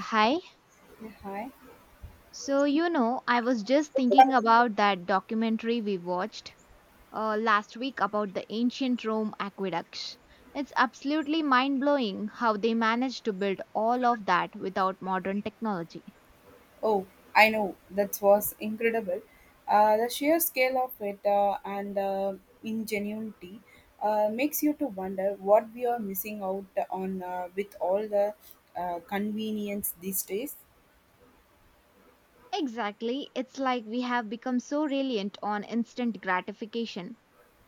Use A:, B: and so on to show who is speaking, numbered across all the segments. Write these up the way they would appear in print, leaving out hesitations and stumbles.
A: Hi.
B: Yeah, hi.
A: So, I was just thinking about that documentary we watched last week about the ancient Rome aqueducts. It's absolutely mind blowing how they managed to build all of that without modern technology.
B: Oh, I know. That was incredible. The sheer scale of it and ingenuity makes you to wonder what we are missing out on with all the convenience these days.
A: Exactly. It's like we have become so reliant on instant gratification.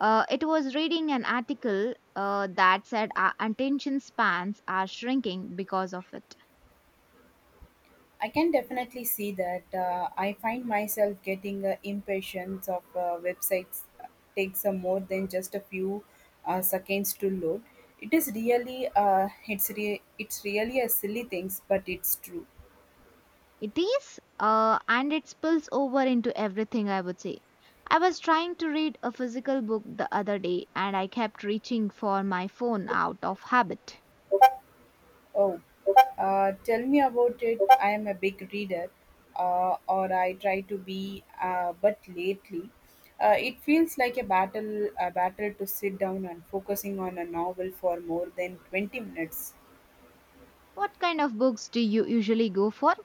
A: It was reading an article that said our attention spans are shrinking because of it.
B: I can definitely see that. I find myself getting impatience of websites takes more than just a few seconds to load. It is really it's really a silly things, but it's true.
A: It is, and it spills over into everything, I would say. I was trying to read a physical book the other day and I kept reaching for my phone out of habit.
B: Oh, tell me about it. I am a big reader, or I try to be, but lately, it feels like a battle to sit down and focusing on a novel for more than 20 minutes.
A: What kind of books do you usually go for?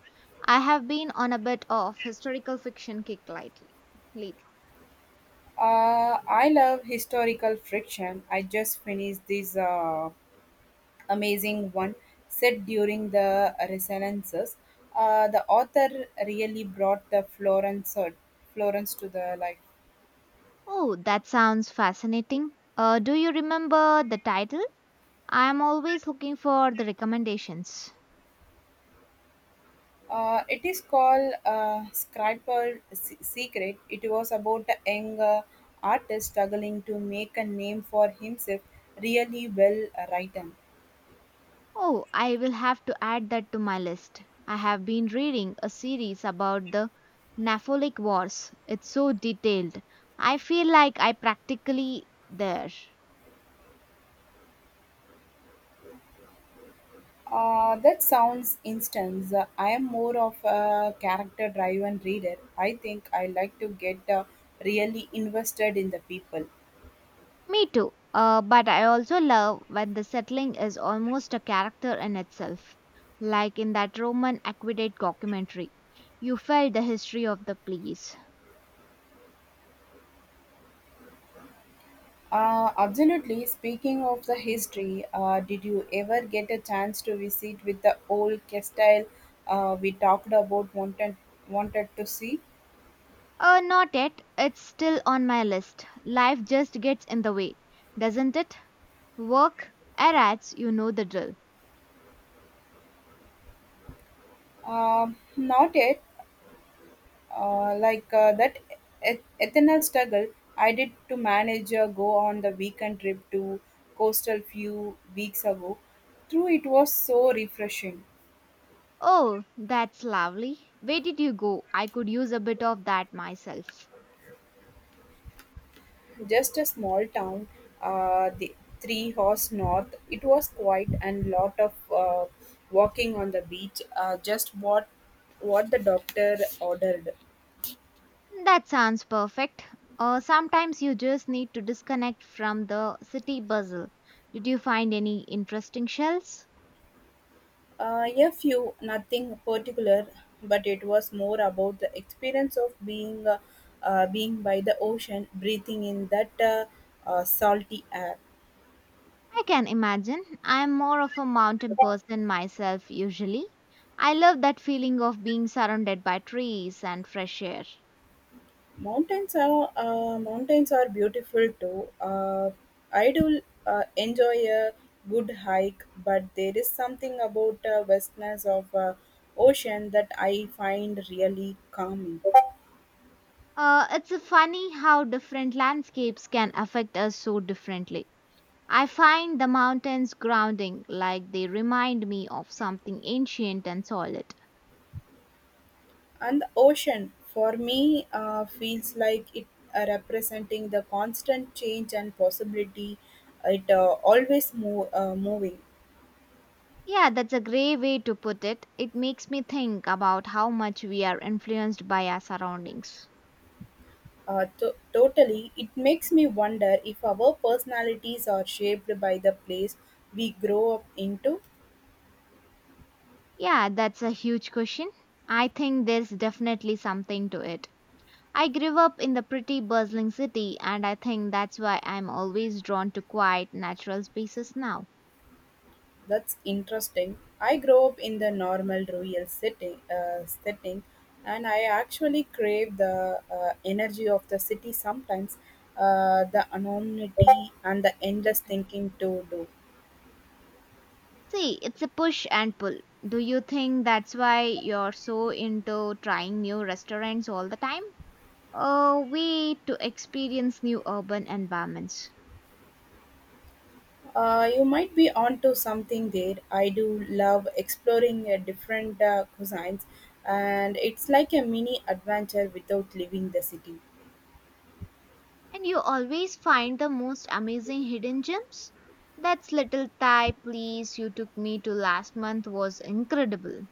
A: I have been on a bit of historical fiction kick lately.
B: I love historical friction. I just finished this amazing one set during the Renaissance. The author really brought the Florence to the life.
A: Oh, that sounds fascinating. Do you remember the title? I am always looking for the recommendations.
B: It is called Scribble Secret. It was about a young artist struggling to make a name for himself, really well written.
A: Oh, I will have to add that to my list. I have been reading a series about the Napoleonic Wars. It's so detailed. I feel like I practically there.
B: That sounds instance. I am more of a character driven reader. I think I like to get really invested in the people.
A: Me too. But I also love when the settling is almost a character in itself, like in that Roman aqueduct documentary. You felt the history of the place.
B: Absolutely. Speaking of the history, did you ever get a chance to visit with the old castile we talked about wanted to see?
A: Not yet. It's still on my list. Life just gets in the way, doesn't it? Work, errands, you know the drill.
B: Not yet. Like that eternal struggle I did to manage go on the weekend trip to coastal few weeks ago. Through it was so refreshing.
A: Oh, that's lovely. Where did you go? I could use a bit of that myself.
B: Just a small town, the three horse north. It was quiet and lot of walking on the beach. Just what the doctor ordered.
A: That sounds perfect. Sometimes you just need to disconnect from the city bustle. Did you find any interesting shells?
B: A few, nothing particular, but it was more about the experience of being being by the ocean, breathing in that salty air.
A: I can imagine. I'm more of a mountain person myself, usually. I love that feeling of being surrounded by trees and fresh air.
B: Mountains are beautiful too. I do enjoy a good hike, but there is something about vastness of ocean that I find really calming.
A: It's funny how different landscapes can affect us so differently. I find the mountains grounding, like they remind me of something ancient and solid.
B: And the ocean for me feels like it representing the constant change and possibility. It always moving.
A: Yeah, that's a great way to put it. It makes me think about how much we are influenced by our surroundings.
B: Totally. It makes me wonder if our personalities are shaped by the place we grow up into.
A: Yeah, that's a huge question. I think there's definitely something to it. I grew up in the pretty bustling city, and I think that's why I'm always drawn to quiet, natural spaces now.
B: That's interesting. I grew up in the normal setting and I actually crave the energy of the city sometimes, the anonymity and the endless thinking to do.
A: See, it's a push and pull. Do you think that's why you're so into trying new restaurants all the time? A way to experience new urban environments.
B: You might be onto something there. I do love exploring different cuisines, and it's like a mini adventure without leaving the city.
A: And you always find the most amazing hidden gems? That's little Thai place you took me to last month was incredible.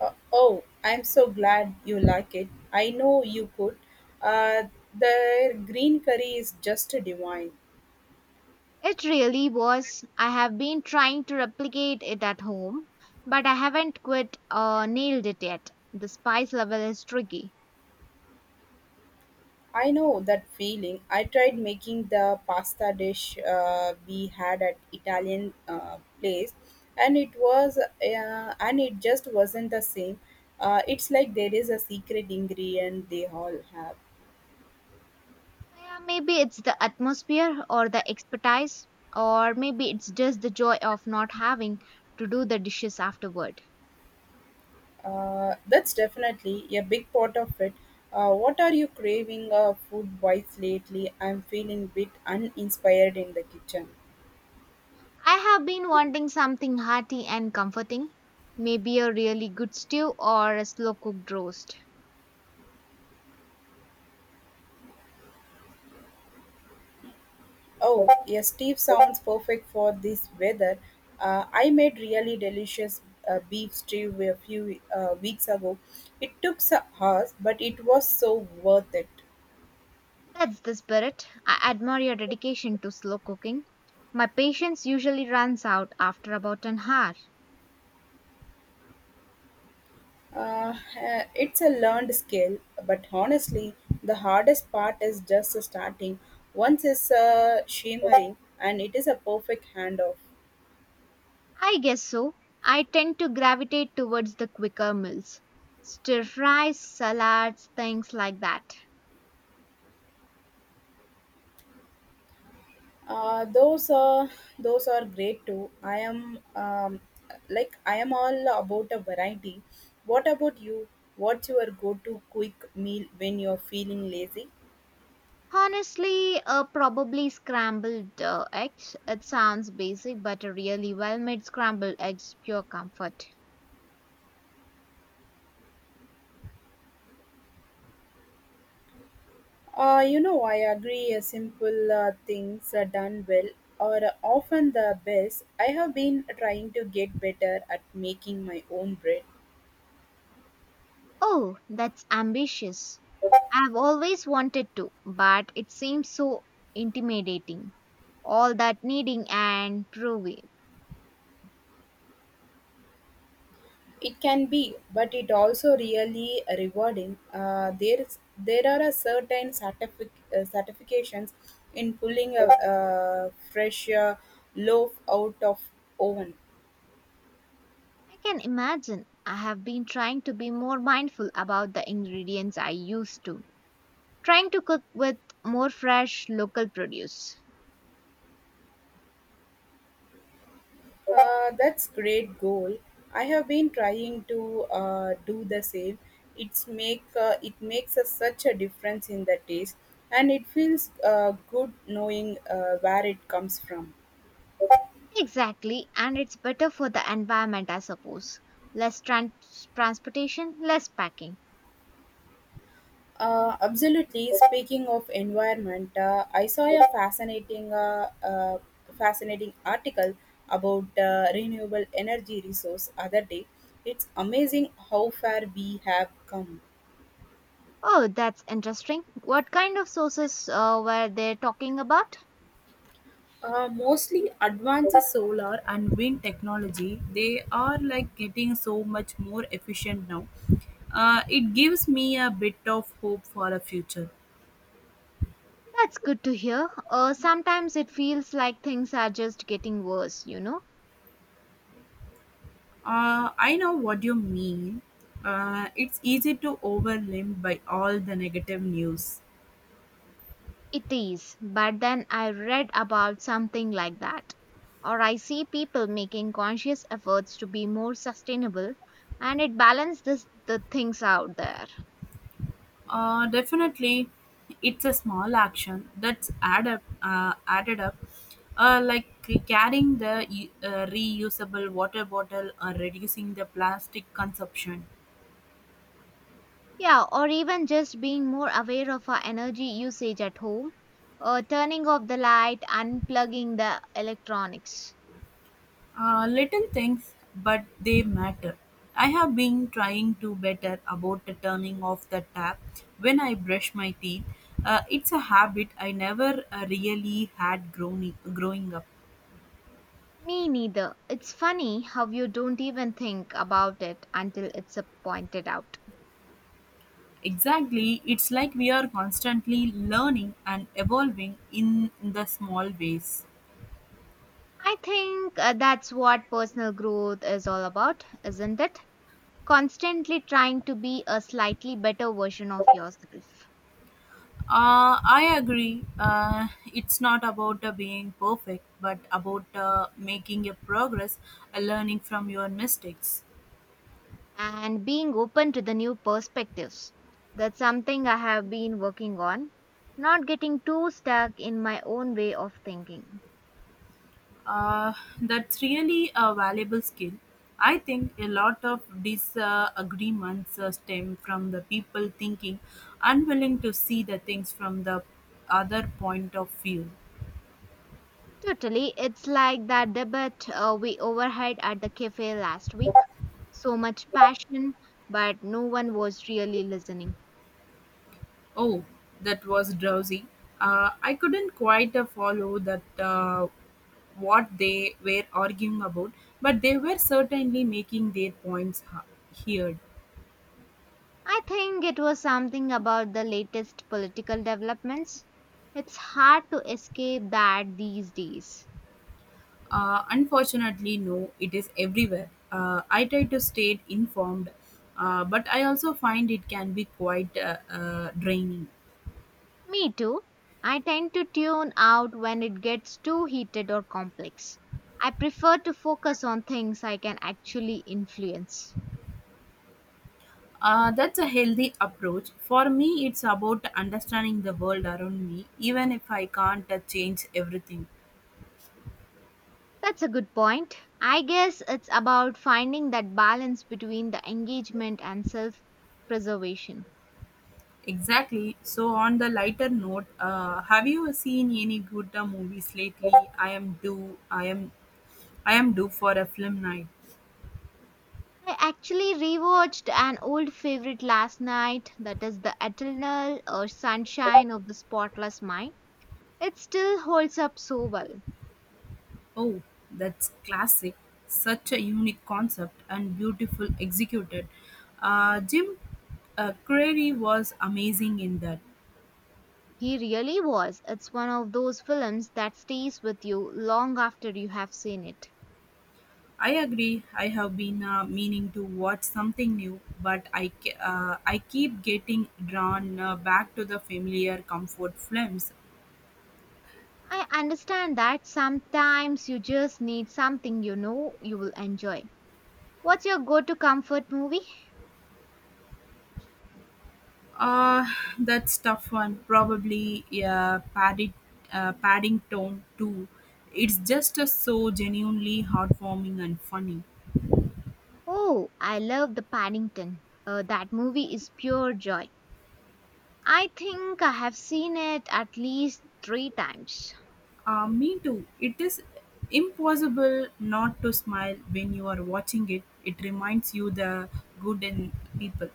B: Oh, I'm so glad you like it. I know you could. Uh, the green curry is just divine.
A: It really was. I have been trying to replicate it at home, but I haven't quite nailed it yet. The spice level is tricky.
B: I know that feeling. I tried making the pasta dish we had at Italian place, and it just wasn't the same. It's like there is a secret ingredient they all have.
A: Yeah, maybe it's the atmosphere or the expertise, or maybe it's just the joy of not having to do the dishes afterward.
B: That's definitely a big part of it. What are you craving food wise lately? I'm feeling a bit uninspired in the kitchen.
A: I have been wanting something hearty and comforting. Maybe a really good stew or a slow cooked roast.
B: Oh, a Steve sounds perfect for this weather. I made really delicious beef stew a few weeks ago. It took some hours, but it was so worth it.
A: That's the spirit. I admire your dedication to slow cooking. My patience usually runs out after about an hour.
B: It's a learned skill, but honestly, the hardest part is just starting. Once it's shimmering, and it is a perfect handoff.
A: I guess so. I tend to gravitate towards the quicker meals. Stir fries, salads, things like that.
B: Uh, those are those are great too. I am I am all about a variety. What about you? What's your go-to quick meal when you're feeling lazy?
A: Honestly, probably scrambled eggs. It sounds basic, but a really well made scrambled eggs pure comfort.
B: You know, I agree. Simple things are done well are often the best. I have been trying to get better at making my own bread.
A: Oh, that's ambitious. I've always wanted to, but it seems so intimidating. All that kneading and proving.
B: It can be, but it also really rewarding. There are a certifications in pulling a fresh loaf out of oven.
A: I can imagine. I have been trying to be more mindful about the ingredients I use to, trying to cook with more fresh local produce.
B: That's great goal. I have been trying to do the same. It makes a, such a difference in the taste, and it feels good knowing where it comes from.
A: Exactly, and it's better for the environment, I suppose. Less transportation, less packing.
B: Absolutely. Speaking of environment, I saw a fascinating article about renewable energy resource other day. It's amazing how far we have come.
A: Oh, that's interesting. What kind of sources were they talking about?
B: Mostly advanced solar and wind technology, they are like getting so much more efficient now. It gives me a bit of hope for a future.
A: That's good to hear. Sometimes it feels like things are just getting worse, you know?
B: I know what you mean. It's easy to overwhelmed by all the negative news.
A: It is, but then I read about something like that. Or I see people making conscious efforts to be more sustainable, and it balances the things out there.
B: Definitely, it's a small action that's added up, like carrying the reusable water bottle or reducing the plastic consumption.
A: Yeah, or even just being more aware of our energy usage at home, turning off the light, unplugging the electronics.
B: Little things, but they matter. I have been trying to better about the turning off the tap when I brush my teeth. It's a habit I never really had growing up.
A: Me neither. It's funny how you don't even think about it until it's pointed out.
B: Exactly, it's like we are constantly learning and evolving in the small ways.
A: I think that's what personal growth is all about, isn't it? Constantly trying to be a slightly better version of yourself.
B: I agree. It's not about being perfect, but about making a progress, learning from your mistakes.
A: And being open to the new perspectives. That's something I have been working on, not getting too stuck in my own way of thinking.
B: Uh, that's really a valuable skill. I think a lot of disagreements stem from the people thinking unwilling to see the things from the other point of view.
A: Totally, it's like that debate we overheard at the cafe last week. So much passion, but no one was really listening.
B: Oh, that was drowsy. I couldn't quite follow that what they were arguing about, but they were certainly making their points heard.
A: I think it was something about the latest political developments. It's hard to escape that these days.
B: Unfortunately, no, it is everywhere. I try to stay informed, but I also find it can be quite draining.
A: Me too. I tend to tune out when it gets too heated or complex. I prefer to focus on things I can actually influence.
B: That's a healthy approach. For me, it's about understanding the world around me, even if I can't change everything.
A: That's a good point. I guess it's about finding that balance between the engagement and self preservation.
B: Exactly. So, on the lighter note, have you seen any good movies lately? I am. I am due for a film night.
A: I actually rewatched an old favorite last night that is The Eternal or Sunshine of the Spotless Mind. It still holds up so well.
B: Oh, that's classic. Such a unique concept and beautiful executed. Jim Carrey was amazing in that.
A: He really was. It's one of those films that stays with you long after you have seen it.
B: I agree. I have been meaning to watch something new, but I keep getting drawn back to the familiar comfort films.
A: I understand that sometimes you just need something you know you will enjoy. What's your go to comfort movie?
B: Uh, that's tough one. Probably Paddington too. It's just so genuinely heartwarming and funny.
A: Oh, I love The Paddington. That movie is pure joy. I think I have seen it at least three times.
B: Me too. It is impossible not to smile when you are watching it. It reminds you the good in people.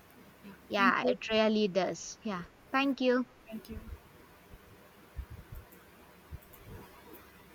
B: Thank
A: Yeah,
B: you.
A: it really does. Yeah, thank you.
B: Thank you.